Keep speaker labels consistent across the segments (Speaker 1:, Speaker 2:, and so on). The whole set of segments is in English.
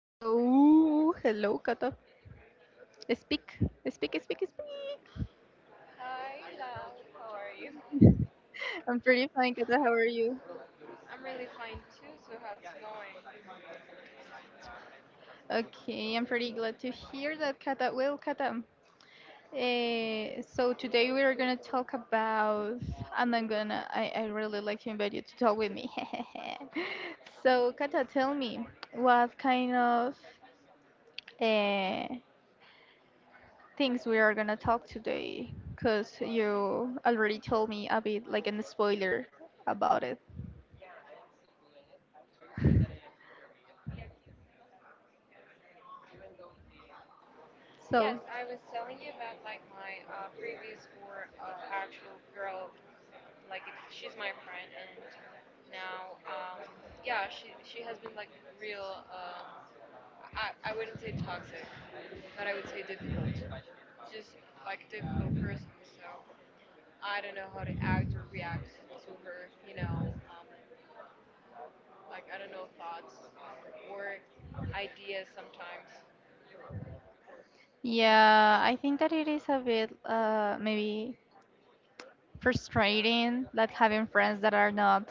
Speaker 1: So, hello, Kata. Speak, speak, speak, speak.
Speaker 2: Hi, Lau. How are you?
Speaker 1: I'm pretty fine, Kata. How are you?
Speaker 2: I'm really fine too. So how's it going?
Speaker 1: Okay, I'm pretty glad to hear that, Kata. Well, Kata, so today we are gonna talk about, and I really like to invite you to talk with me. So, Kata, tell me, what kind of eh, things we are gonna talk today? Because you already told me a bit, like, a spoiler about it.
Speaker 2: Yes,
Speaker 1: So.
Speaker 2: I was telling you about like my previous work, actual girl. Like it, she's my friend, and now, yeah, she has been like real. I wouldn't say toxic, but I would say difficult. Just like difficult person. So I don't know how to act or react to her. You know. Um, like I don't know thoughts or ideas sometimes.
Speaker 1: Yeah, I think that it is a bit maybe frustrating that having friends that are not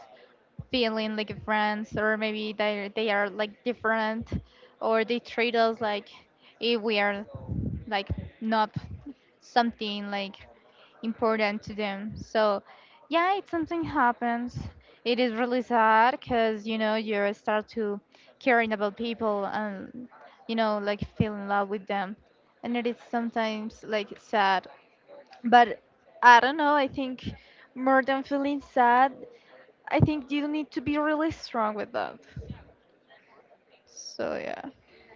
Speaker 1: feeling like friends, or maybe they are like different, or they treat us like if we are like not something like important to them. So, yeah, it something happens. It is really sad because you know you start to caring about people and you know like feel in love with them, and it is sometimes like sad. But I don't know. I think more than feeling sad, I think you need to be really strong with that. So yeah,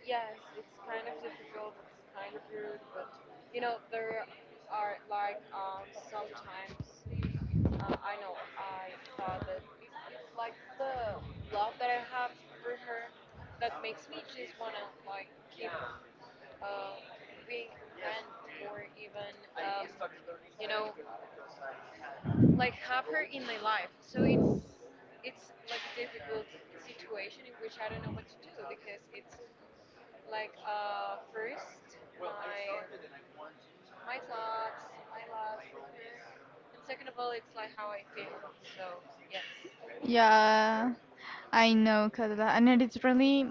Speaker 2: Yes, it's kind of difficult, it's kind of rude, but you know, there are like sometimes I know I thought that it's like the love that I have for her that makes me just wanna like keep uh, being her friend or even um, you know like have her in my life. So it's like a difficult situation in which I don't know what to do because it's like first my my thoughts, my love, and second of all, it's like how I feel. So yes.
Speaker 1: yeah, I know, Carla, and it's really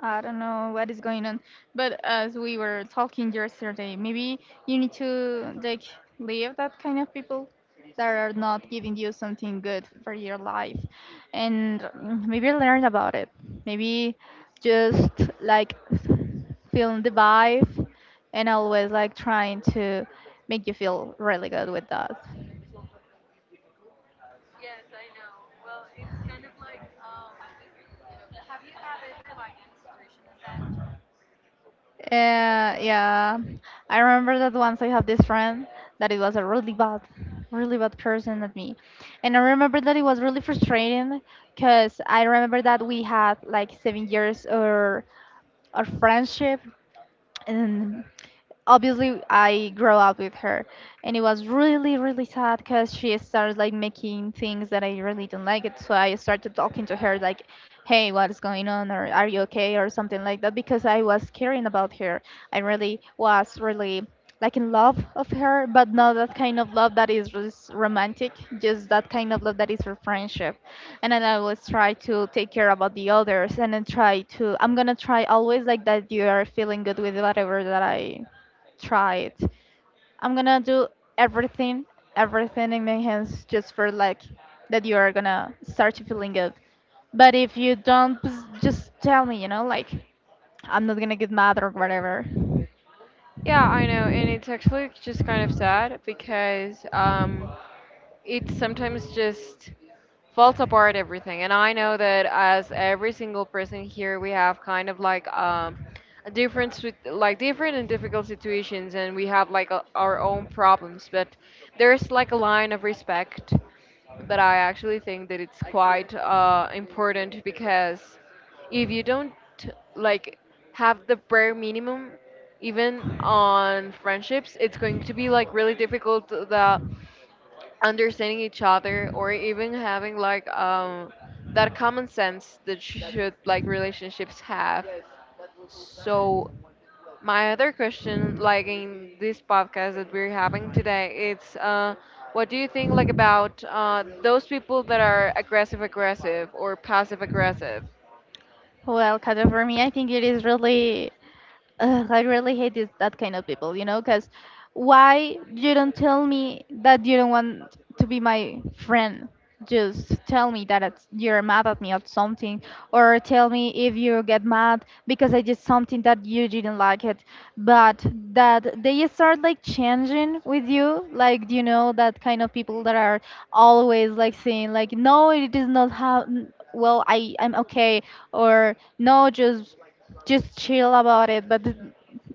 Speaker 1: I don't know what is going on, but as we were talking yesterday, maybe you need to like leave that kind of people that are not giving you something good for your life, and maybe learn about it. Maybe just like feel the vibe, and always like trying to make you feel really good with that.
Speaker 2: Yes, I know. Well, it's kind of like, have you had ever like any situation as that?
Speaker 1: Yeah, I remember that once I had this friend that it was a really bad person at me, and I remember that it was really frustrating because I remember that we had like 7 years or our friendship, and obviously I grew up with her, and it was really really sad because she started like making things that I really didn't like it. So I started talking to her like, "Hey, what is going on? Or are you okay? Or something like that?" Because I was caring about her. I really was really like in love of her, but not that kind of love that is romantic, just that kind of love that is for friendship. And then I always try to take care about the others, and then try to. I'm gonna try always like that you are feeling good with whatever that I try it. I'm gonna do everything, everything in my hands just for like that you are gonna start to feeling good. But if you don't, pss, just tell me, you know, like I'm not gonna get mad or whatever.
Speaker 2: Yeah, I know, and it's actually just kind of sad because it sometimes just falls apart everything. And I know that as every single person here, we have kind of like a difference with like different and difficult situations, and we have like our own problems. But there's like a line of respect that I actually think that it's quite important because if you don't like have the bare minimum even on friendships, it's going to be like really difficult, the understanding each other, or even having like that common sense that should like relationships have. So my other question like in this podcast that we're having today, it's what do you think like about those people that are aggressive, aggressive or passive aggressive?
Speaker 1: Well, Kata, for me, I think it is really ugh, I really hate this, that kind of people, you know, because why you don't tell me that you don't want to be my friend? Just tell me that it's, you're mad at me at something, or tell me if you get mad because I did something that you didn't like it. But that they start like changing with you, like you know that kind of people that are always like saying like, no, it is not how. Well, I'm okay, or no, just chill about it but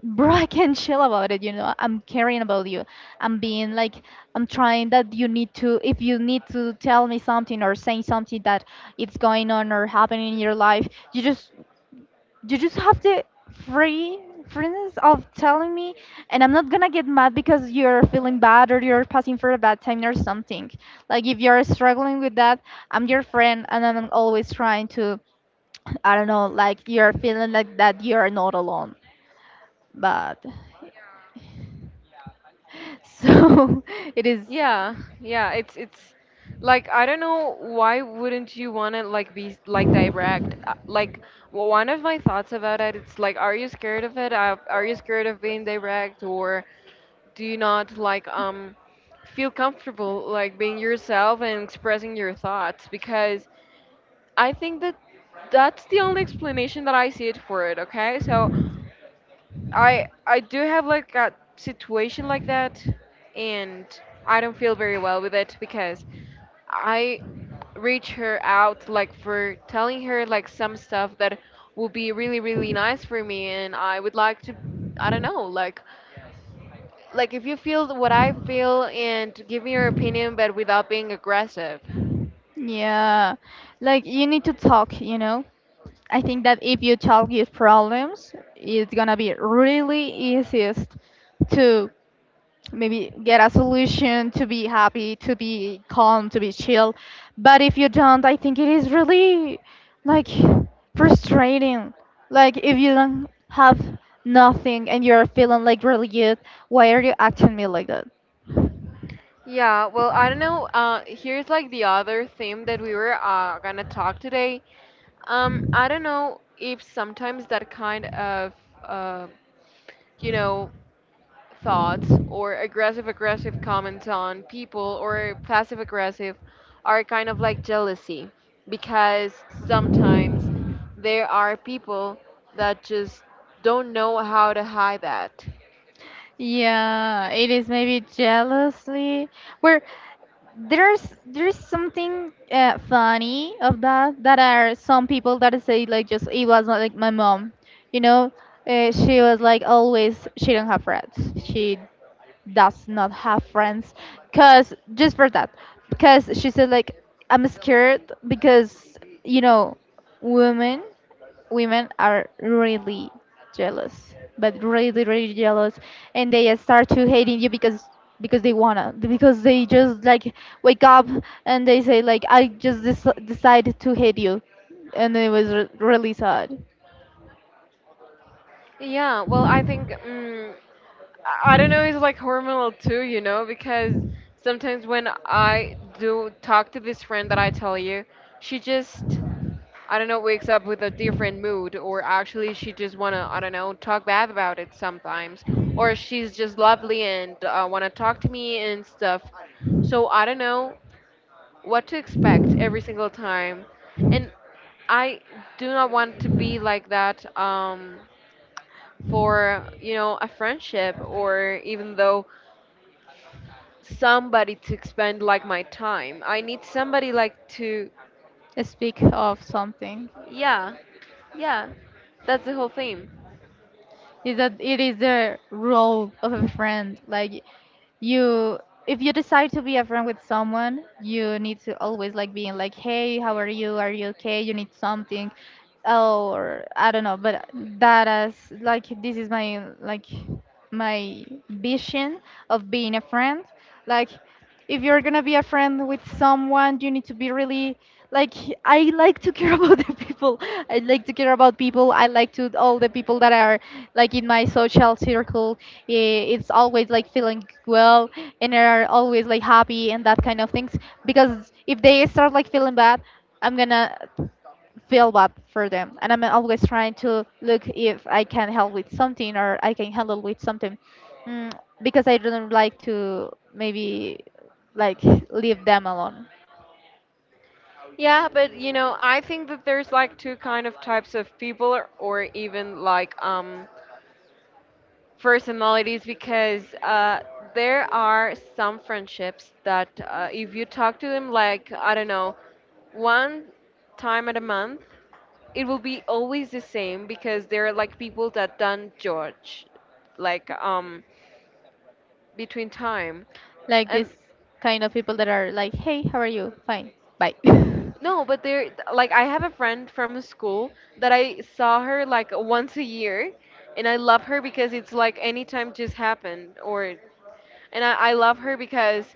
Speaker 1: bro, I can't chill about it, you know, I'm caring about you. I'm being like I'm trying that you need to if you need to tell me something or saying something that it's going on or happening in your life, you just you just have the free freedom of telling me. And I'm not gonna get mad because you're feeling bad or you're passing for a bad time or something. Like if you're struggling with that, I'm your friend and I'm always trying to I don't know, like you're feeling like that you're not alone bad. So it is,
Speaker 2: Yeah, it's like I don't know why wouldn't you want to like be like direct? Like one of my thoughts about it, it's like are you scared of it? Are you scared of being direct or do you not like feel comfortable like being yourself and expressing your thoughts? Because I think that that's the only explanation that I see it for it, okay? So I do have like a situation like that, and I don't feel very well with it because I reach her out like for telling her like some stuff that will be really really nice for me, and I would like to, I don't know, like if you feel what I feel and give me your opinion, but without being aggressive.
Speaker 1: yeah, like you need to talk, you know. I think that if you talk your problems, it's gonna be really easiest to maybe get a solution, to be happy, to be calm, to be chill. But if you don't, I think it is really like frustrating. Like if you don't have nothing and you're feeling like really good, why are you acting me like that?
Speaker 2: Yeah, well, I don't know. Here's like the other theme that we were gonna talk today. I don't know if sometimes that kind of, uh, you know, thoughts or aggressive, aggressive comments on people or passive aggressive are kind of like jealousy, because sometimes there are people that just don't know how to hide that.
Speaker 1: Yeah, it is maybe jealously where there's something funny of that that are some people that say like just it was not like my mom, you know, she was like always she don't have friends. She does not have friends cuz just for that because she said like I'm scared because you know women women are really jealous, but really, really jealous, and they start to hating you because they wanna because they just like wake up and they say like I just decided to hate you, and it was really sad.
Speaker 2: Yeah, well, I think I don't know. It's like hormonal too, you know, because sometimes when I do talk to this friend that I tell you, she just, I don't know, wakes up with a different mood, or actually she just wanna, I don't know, talk bad about it sometimes, or she's just lovely and wanna talk to me and stuff. So I don't know what to expect every single time, and I do not want to be like that, for you know a friendship, or even though somebody to expend like my time. I need somebody like to,
Speaker 1: Speak of something
Speaker 2: yeah, yeah. That's the whole theme.
Speaker 1: is that it is the role of a friend like you if you decide to be a friend with someone you need to always like being like hey how are you okay you need something or I don't know but that as like this is my like my vision of being a friend like if you're gonna be a friend with someone you need to be really like I like to care about the people. I like to care about people. I like to all the people that are like in my social circle it's always like feeling well and they are always like happy and that kind of things because if they start like feeling bad I'm gonna feel bad for them and I'm always trying to look if I can help with something or I can handle with something, mm, because I don't like to maybe like leave them alone
Speaker 2: Yeah, but you know, I think that there's like two kind of types of people, or even like personalities, because there are some friendships that if you talk to them like I don't know, one time at a month, it will be always the same, because they're like people that don't judge like between time.
Speaker 1: like this
Speaker 2: And
Speaker 1: kind of people that are like hey how are you fine bye.
Speaker 2: No, but there, like, I have a friend from school that I saw her like once a year, and I love her because it's like anytime just happened, or, and I love her because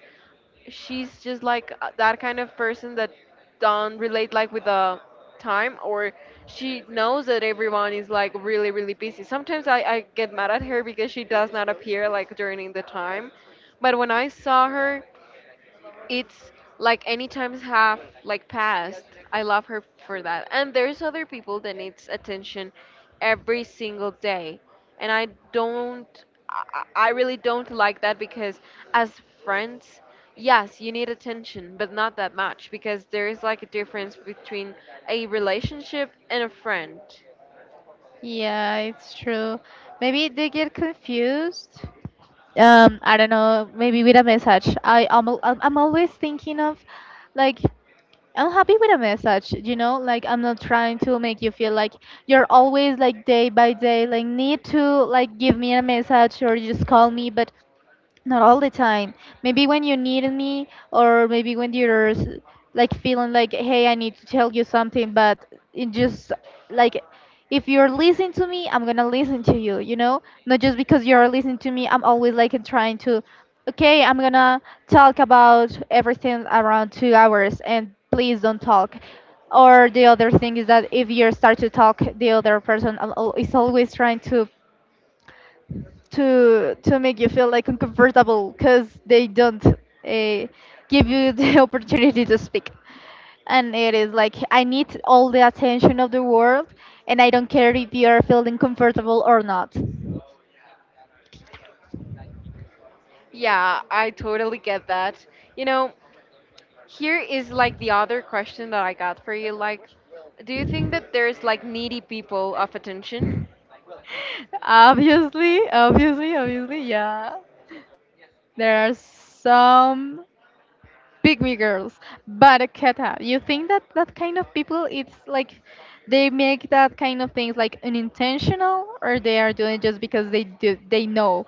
Speaker 2: she's just like that kind of person that don't relate like with the time, or she knows that everyone is like really, really busy. Sometimes I get mad at her because she does not appear like during the time, but when I saw her, it's like any times have like passed. I love her for that. And there's other people that needs attention every single day. And I really don't like that, because as friends, yes, you need attention, but not that much, because there is like a difference between a relationship and a friend.
Speaker 1: Yeah, it's true. Maybe they get confused. I don't know. Maybe with a message. I'm always thinking of, like I'm happy with a message, you know, like I'm not trying to make you feel like you're always like day by day, like need to like give me a message or just call me, but not all the time maybe when you need me or maybe when you're like feeling like hey I need to tell you something but it just like if you're listening to me I'm gonna listen to you you know not just because you're listening to me I'm always like trying to okay I'm gonna talk about everything around 2 hours and please don't talk or the other thing is that if you start to talk the other person is always trying to to make you feel like uncomfortable because they don't give you the opportunity to speak and it is like I need all the attention of the world and I don't care if you are feeling comfortable or not.
Speaker 2: Yeah, I totally get that. You know, here is like the other question that I got for you. Like, do you think that there's like needy people of attention?
Speaker 1: Obviously, obviously, obviously, yeah, there are some pygmy girls. But Keta, you think that that kind of people, it's like they make that kind of things like unintentional, or they are doing it just because they do, they know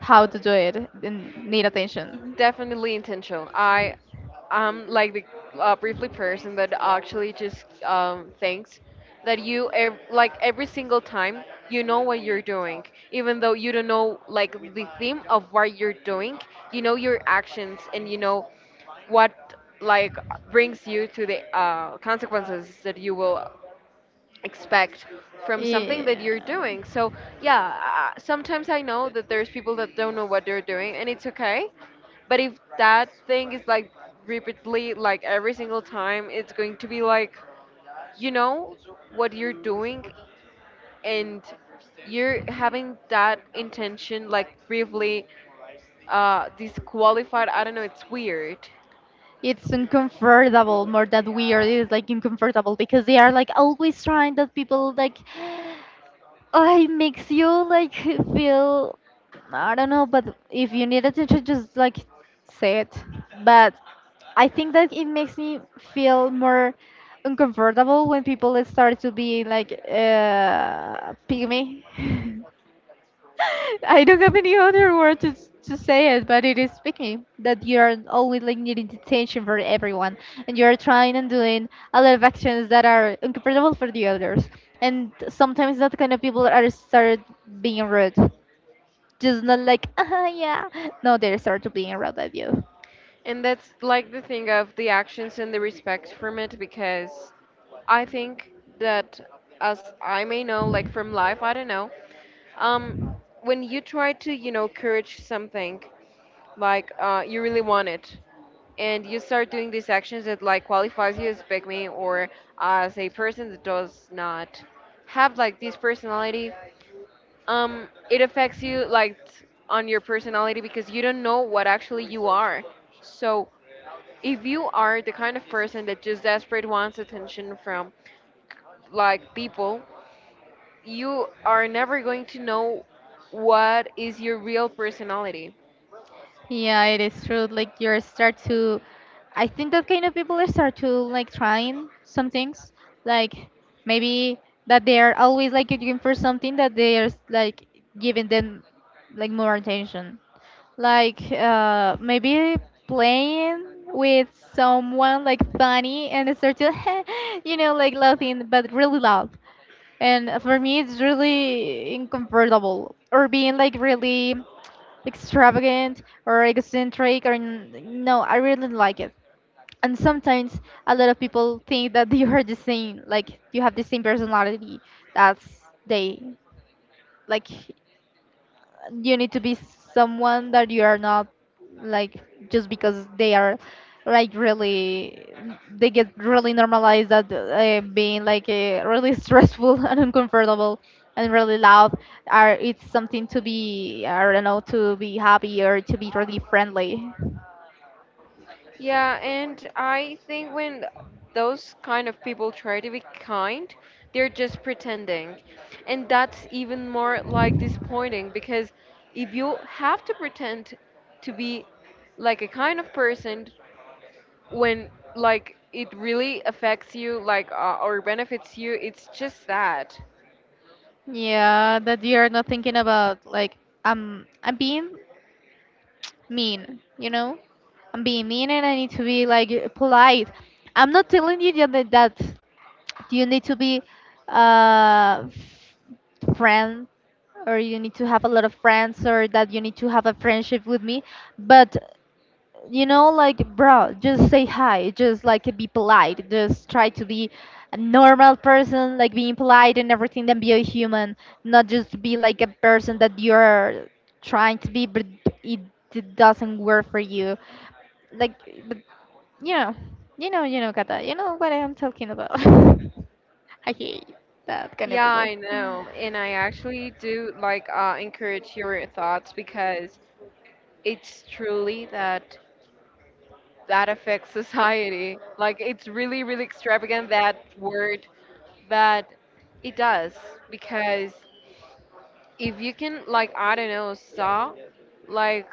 Speaker 1: how to do it and need attention.
Speaker 2: Definitely intentional. I am like the briefly person that actually just thinks that like every single time you know what you're doing, even though you don't know like the theme of what you're doing. You know your actions and you know what like brings you to the consequences that you will expect from
Speaker 1: Yeah. So
Speaker 2: something that you're
Speaker 1: yeah
Speaker 2: doing. So,
Speaker 1: it's
Speaker 2: yeah, sometimes I know that there's people that don't know what they're doing and it's okay. But if that thing is like repeatedly, like every single time, it's going to be like, you know, what you're doing, and you're having that intention like briefly disqualified. I don't know, it's weird.
Speaker 1: It's uncomfortable, more that weird. It's like uncomfortable because they are like always trying that people like I makes you like feel I don't know, but if you need attention, just like say it. But I think that it makes me feel more uncomfortable when people start to be like pygmy. I don't have any other word to, to say it, but it is speaking that you are always like needing attention for everyone, and you are trying and doing a lot of actions that are uncomfortable for the others. And sometimes that kind of people are start being rude, just not like ah yeah, no, they start to being rude at you.
Speaker 2: And that's like the thing of the actions and the respect from it, because I think that, as I may know, like from life, I don't know, um, when you try to, you know, courage something, like you really want it, and you start doing these actions that like qualifies you as pygmy or as a person that does not have like this personality, it affects you like on your personality because you don't know what actually you are. So if you are the kind of person that just desperate wants attention from like people, you are never going to know what is your real personality.
Speaker 1: Yeah, it is true. Like you start to, I think that kind of people start to like trying some things, like maybe that they are always like looking for something that they are like giving them like more attention. Like maybe playing with someone like funny and start to, you know, like laughing but really loud. And for me, it's really uncomfortable or being like really extravagant or eccentric or no I really don't like it and sometimes a lot of people think that you are the same like you have the same personality that's they like you need to be someone that you are not like just because they are like really they get really normalized that being like really stressful and uncomfortable and really loud are it's something to be I don't know to be happy or to be really friendly.
Speaker 2: Yeah, and I think when those kind of people try to be kind, they're just pretending, and that's even more like disappointing, because if you have to pretend to be like a kind of person when like it really affects you, like or benefits you, it's just sad.
Speaker 1: Yeah, that you are not thinking about like I'm being mean, you know? I'm being mean and I need to be like polite. I'm not telling you that you need to be a friend or you need to have a lot of friends or that you need to have a friendship with me, but you know, like, bro, just say hi, just like be polite, just try to be a normal person, like being polite and everything, then be a human, not just be like a person that you're trying to be, but it, it doesn't work for you, like, but, you know, you know, Kata, you know what I'm talking about. I hate that kind of
Speaker 2: Yeah,
Speaker 1: people.
Speaker 2: I know, and I actually do like encourage your thoughts, because it's truly that that affects society. Like, it's really really extravagant, that word, but it does, because if you can like I don't know saw like,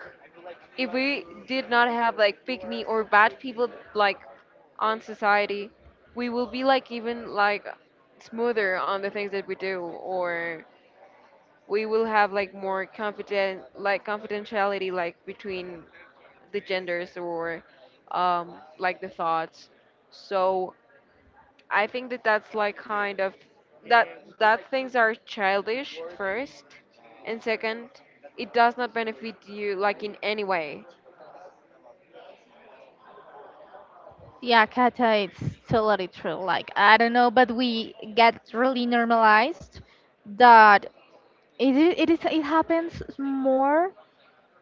Speaker 2: if we did not have like pick me or bad people like on society, we will be like even like smoother on the things that we do, or we will have like more confident like confidentiality like between the genders or like the thoughts. So I think that that's like kind of that, that things are childish first, and second, it does not benefit you like in any way.
Speaker 1: Yeah, Kata, it's totally true. Like, I don't know, but we get really normalized that it happens more.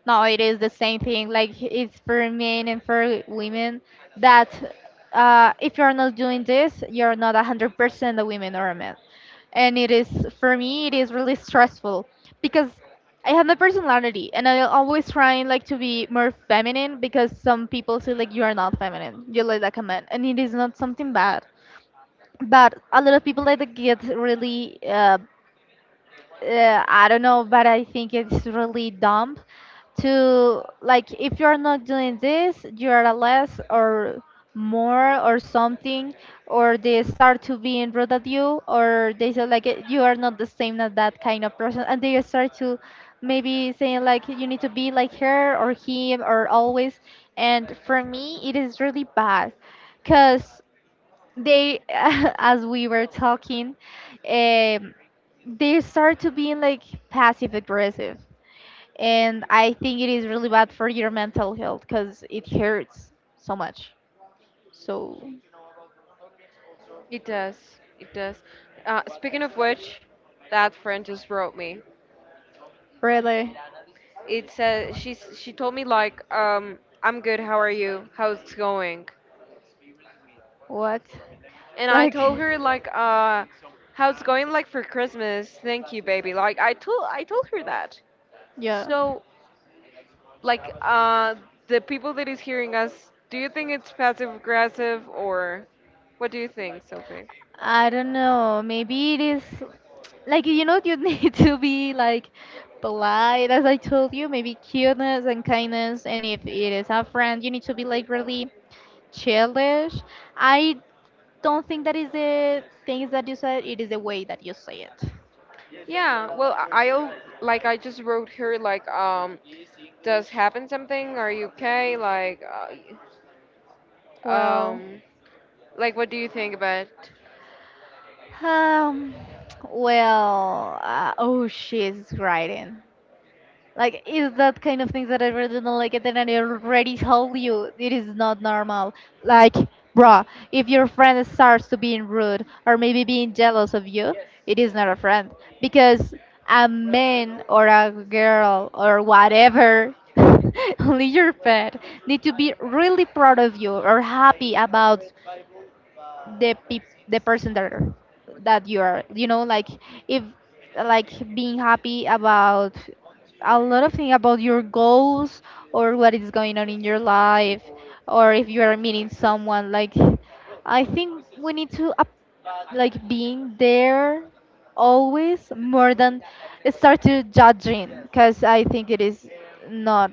Speaker 1: No, it is the same thing. Like, it's for men and for women that if you're not doing this, you're not 100% a woman or a man. And it is, for me, it is really stressful because I have my personality and I always trying like to be more feminine because some people say like you are not feminine, you look like a man. And it is not something bad. But a lot of people like to get really, I don't know, but I think it's really dumb to, like, if you're not doing this, you're a less or more or something, or they start to be rude at you, or they say like, "Eh, you are not the same as that kind of person," and they start to maybe saying like you need to be like her or him or always, and for me it is really bad because they, as we were talking, um, they start to being like passive aggressive, and I think it is really bad for your mental health because it hurts so much. So
Speaker 2: It does. It does. Speaking of which, that friend just wrote me.
Speaker 1: really,
Speaker 2: It said, she's she told me like I'm good. How are you? How's it going?
Speaker 1: what?
Speaker 2: And I
Speaker 1: Like,
Speaker 2: told her like how's it going like for Christmas? Thank you, baby. Like I told, I told her that.
Speaker 1: yeah,
Speaker 2: So like the people that is hearing us, do you think it's passive aggressive or what do you think, Sophie?
Speaker 1: I don't know. Maybe it is, like, you know, you need to be like polite, as I told you. Maybe cuteness and kindness, and if it is a friend, you need to be like really childish. I don't think that is the things that you said, it is the way that you say it.
Speaker 2: Yeah, well, I I'll, like I just wrote her like does happen something? Are you okay?
Speaker 1: Well.
Speaker 2: Um, like what do you think about? It?
Speaker 1: um well, oh, she's writing. Like, is that kind of things that I really don't like it, and I already told you it is not normal. Like, bruh, if your friend starts to being rude or maybe being jealous of you, it is not a friend because a man or a girl or whatever, only your pet, need to be really proud of you or happy about the peop the person that are- that you are, you know, like, if, like, being happy about a lot of things about your goals or what is going on in your life, or if you are meeting someone, like, I think we need to up, like being there always more than start to judging because I think it is not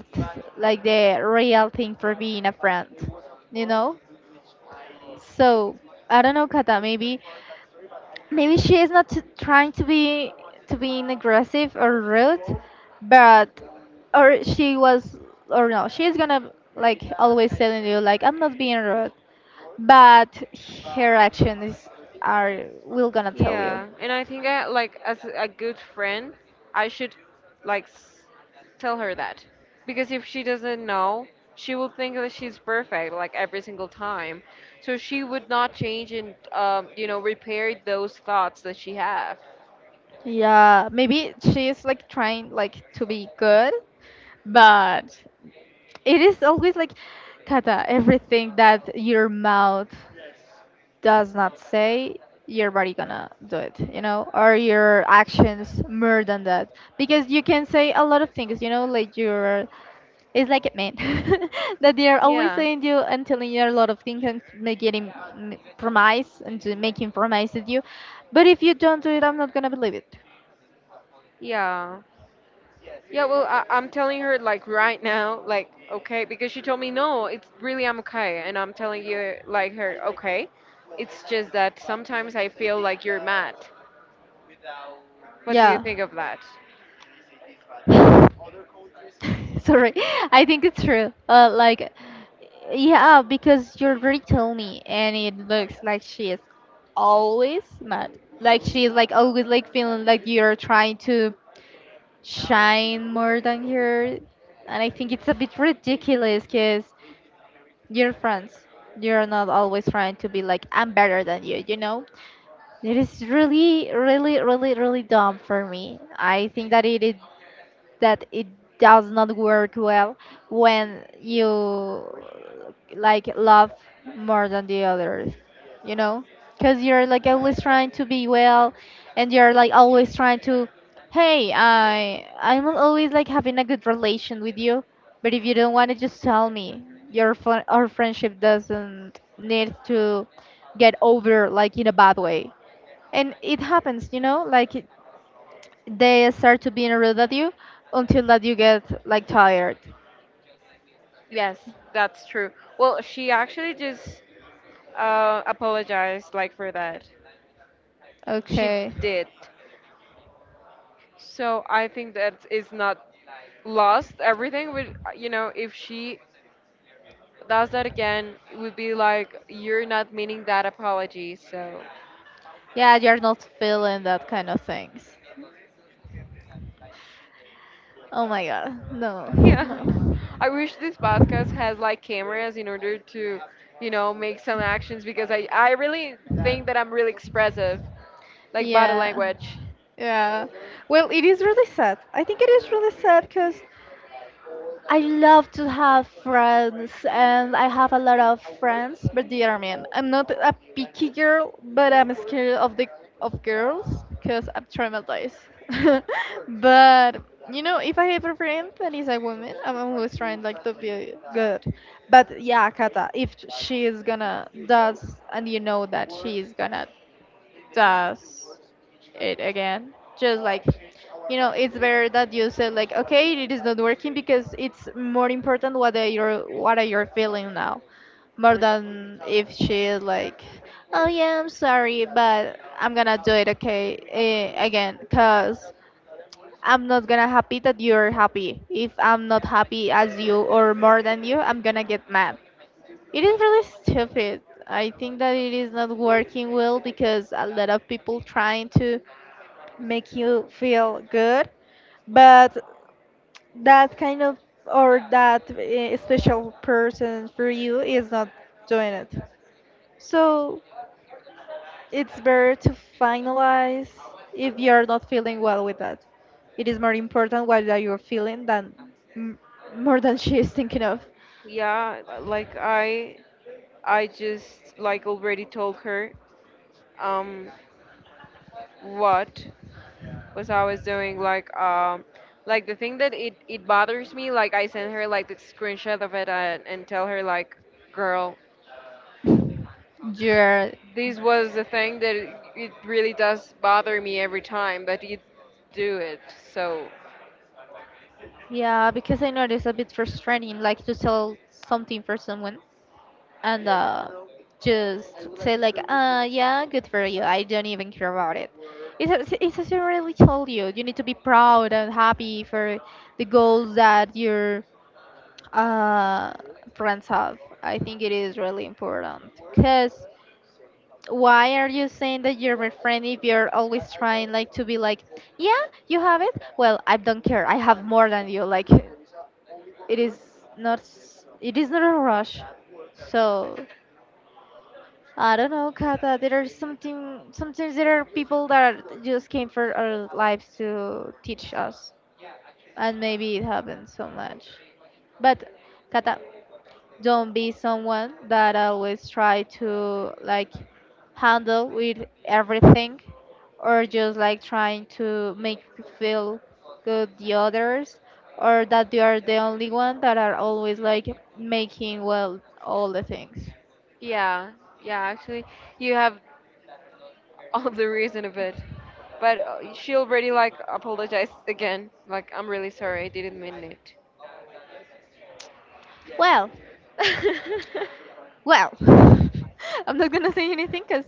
Speaker 1: like the real thing for being a friend, you know. So I don't know, Kata. Maybe she is not trying to be, to be aggressive or rude, but, or she was, or no, she is gonna like always telling you like I'm not being rude, but her actions are, will gonna tell you.
Speaker 2: Yeah, and I think like as a good friend, I should like s- tell her that, because if she doesn't know, she will think that she's perfect like every single time. So she would not change and you know repair those thoughts that she have.
Speaker 1: Yeah, maybe she's like trying like to be good, but it is always like, Kata, everything that your mouth does not say, your body gonna do it, you know, or your actions more than that, because you can say a lot of things, you know, like your, it's like it meant that they are always
Speaker 2: Yeah,
Speaker 1: saying you and telling you a lot of things and making promise, and to making promises you, but if you don't do it, I'm not gonna believe it.
Speaker 2: yeah. Yeah, well, I, I'm telling her like right now, like okay, because she told me no, it's really I'm okay, and I'm telling you like her okay. It's just that sometimes I feel like you're mad. What do you
Speaker 1: Yeah.
Speaker 2: think of that?
Speaker 1: Sorry, I think it's true. Like, yeah, because you already told me, and it looks like she is always mad. Like, she is like always like feeling like you're trying to shine more than her, and I think it's a bit ridiculous because you're friends. You're not always trying to be like, I'm better than you. You know, it is really, really, really, really dumb for me. I think that it is, that it does not work well when you, like, love more than the others, you know, because you're like always trying to be well, and you're like always trying to, hey, I'm always like having a good relation with you, but if you don't want to, just tell me, your our friendship doesn't need to get over like in a bad way, and it happens, you know, like, they start to be rude at you until that you get like tired.
Speaker 2: Yes, that's true. Well, she actually just apologized like for that. She
Speaker 1: Okay.
Speaker 2: did. So I think that is not lost everything, would you know? If she does that again, it would be like you're not meaning that apology. So
Speaker 1: Yeah, you're not feeling that kind of things. Oh my god. No.
Speaker 2: yeah.
Speaker 1: No.
Speaker 2: I wish this podcast has like cameras in order to, you know, make some actions, because I really think that I'm really expressive, like body
Speaker 1: Yeah.
Speaker 2: language.
Speaker 1: Yeah. Well, it is really sad. I think it is really sad because I love to have friends, and I have a lot of friends. But dear man, I'm not a picky girl, but I'm scared of the, of girls because I'm traumatized. But you know, if I have a friend that is a woman, I'm always trying like to be good. But yeah, Kata, if she is gonna does, and you know that she is gonna does it again, just like, you know, it's better that you say like, okay, it is not working because it's more important what are your, what are your feeling now, more than if she is like, oh yeah, I'm sorry, but I'm gonna do it, okay, again, cause I'm not gonna happy that you're happy. If I'm not happy as you or more than you, I'm gonna get mad. It is really stupid. I think that it is not working well because a lot of people trying to make you feel good, but that kind of, or that special person for you is not doing it, so it's better to finalize. If you're not feeling well with that, it is more important what that you're feeling than, m- more than she is thinking of
Speaker 2: Yeah, like I just like already told her um what was I was doing, like the thing that it bothers me, like I sent her like the screenshot of it, and tell her like girl,
Speaker 1: your.
Speaker 2: this was the thing that it really does bother me every time that you do it. So,
Speaker 1: Yeah, because I know it's a bit frustrating, like to sell something for someone, and just say like, yeah, good for you. I don't even care about it. It's as I really told you, you need to be proud and happy for the goals that your, uh, friends have. I think it is really important. Cause why are you saying that you're my friend if you're always trying like to be like, yeah, you have it. Well, I don't care. I have more than you. Like, it is, not it is not a rush. So I don't know, Kata, there are something, sometimes there are people that are- just came for our lives to teach us, and maybe it happens so much, but, Kata, don't be someone that always try to like handle with everything, or just like trying to make feel good the others, or that they are the only one that are always like making well all the things.
Speaker 2: yeah, yeah, actually, you have all the reason of it. But she already like apologized again. Like, I'm really sorry, I didn't mean it.
Speaker 1: Well. Well, I'm not gonna say anything because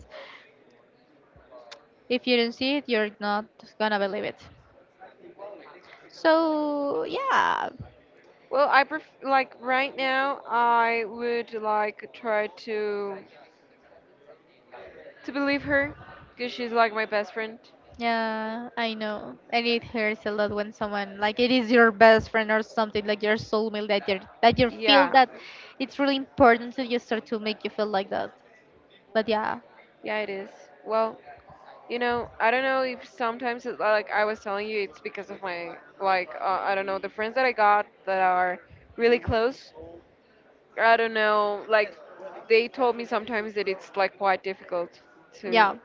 Speaker 1: if you don't see it, you're not gonna believe it. So yeah.
Speaker 2: well, I like right now, I would like try to believe her, cause she's like my best friend.
Speaker 1: Yeah, I know. And it hurts a lot when someone, like it is your best friend or something like your soulmate, that you, that you feel
Speaker 2: Yeah,
Speaker 1: that it's really important to you, start to make you feel like that. But yeah,
Speaker 2: yeah, it is. Well, you know, I don't know if sometimes it's like I was telling you, it's because of my like I don't know, the friends that I got that are really close. I don't know, like they told me sometimes that it's like quite difficult to
Speaker 1: yeah.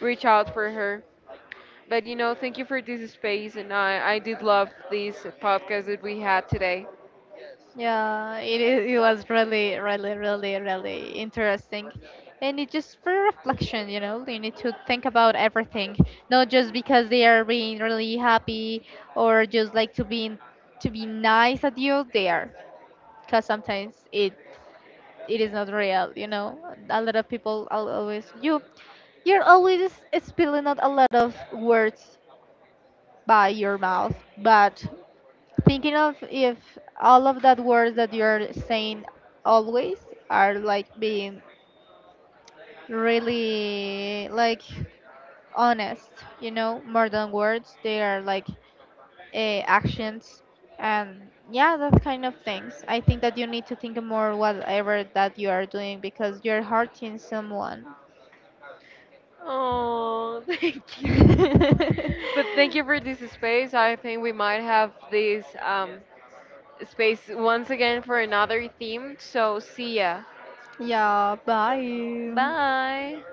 Speaker 2: reach out for her. But you know, thank you for this space, and I did love this podcast that we had today.
Speaker 1: Yeah. It is. It was really, really, really, really interesting, and it just for reflection, you know. You need to think about everything, not just because they are being really happy or just like to be, to be nice at you. They are, because sometimes it, it is not real, you know. A lot of people always you, you're always spilling out a lot of words by your mouth, but thinking of if all of that words that you're saying always are like being really like honest, you know, more than words they are like, actions, and yeah, that kind of things, I think that you need to think more whatever that you are doing because you're hurting someone.
Speaker 2: Oh, thank you. But thank you for this space. I think we might have this space once again for another theme. So see ya.
Speaker 1: Yeah, bye.
Speaker 2: Bye.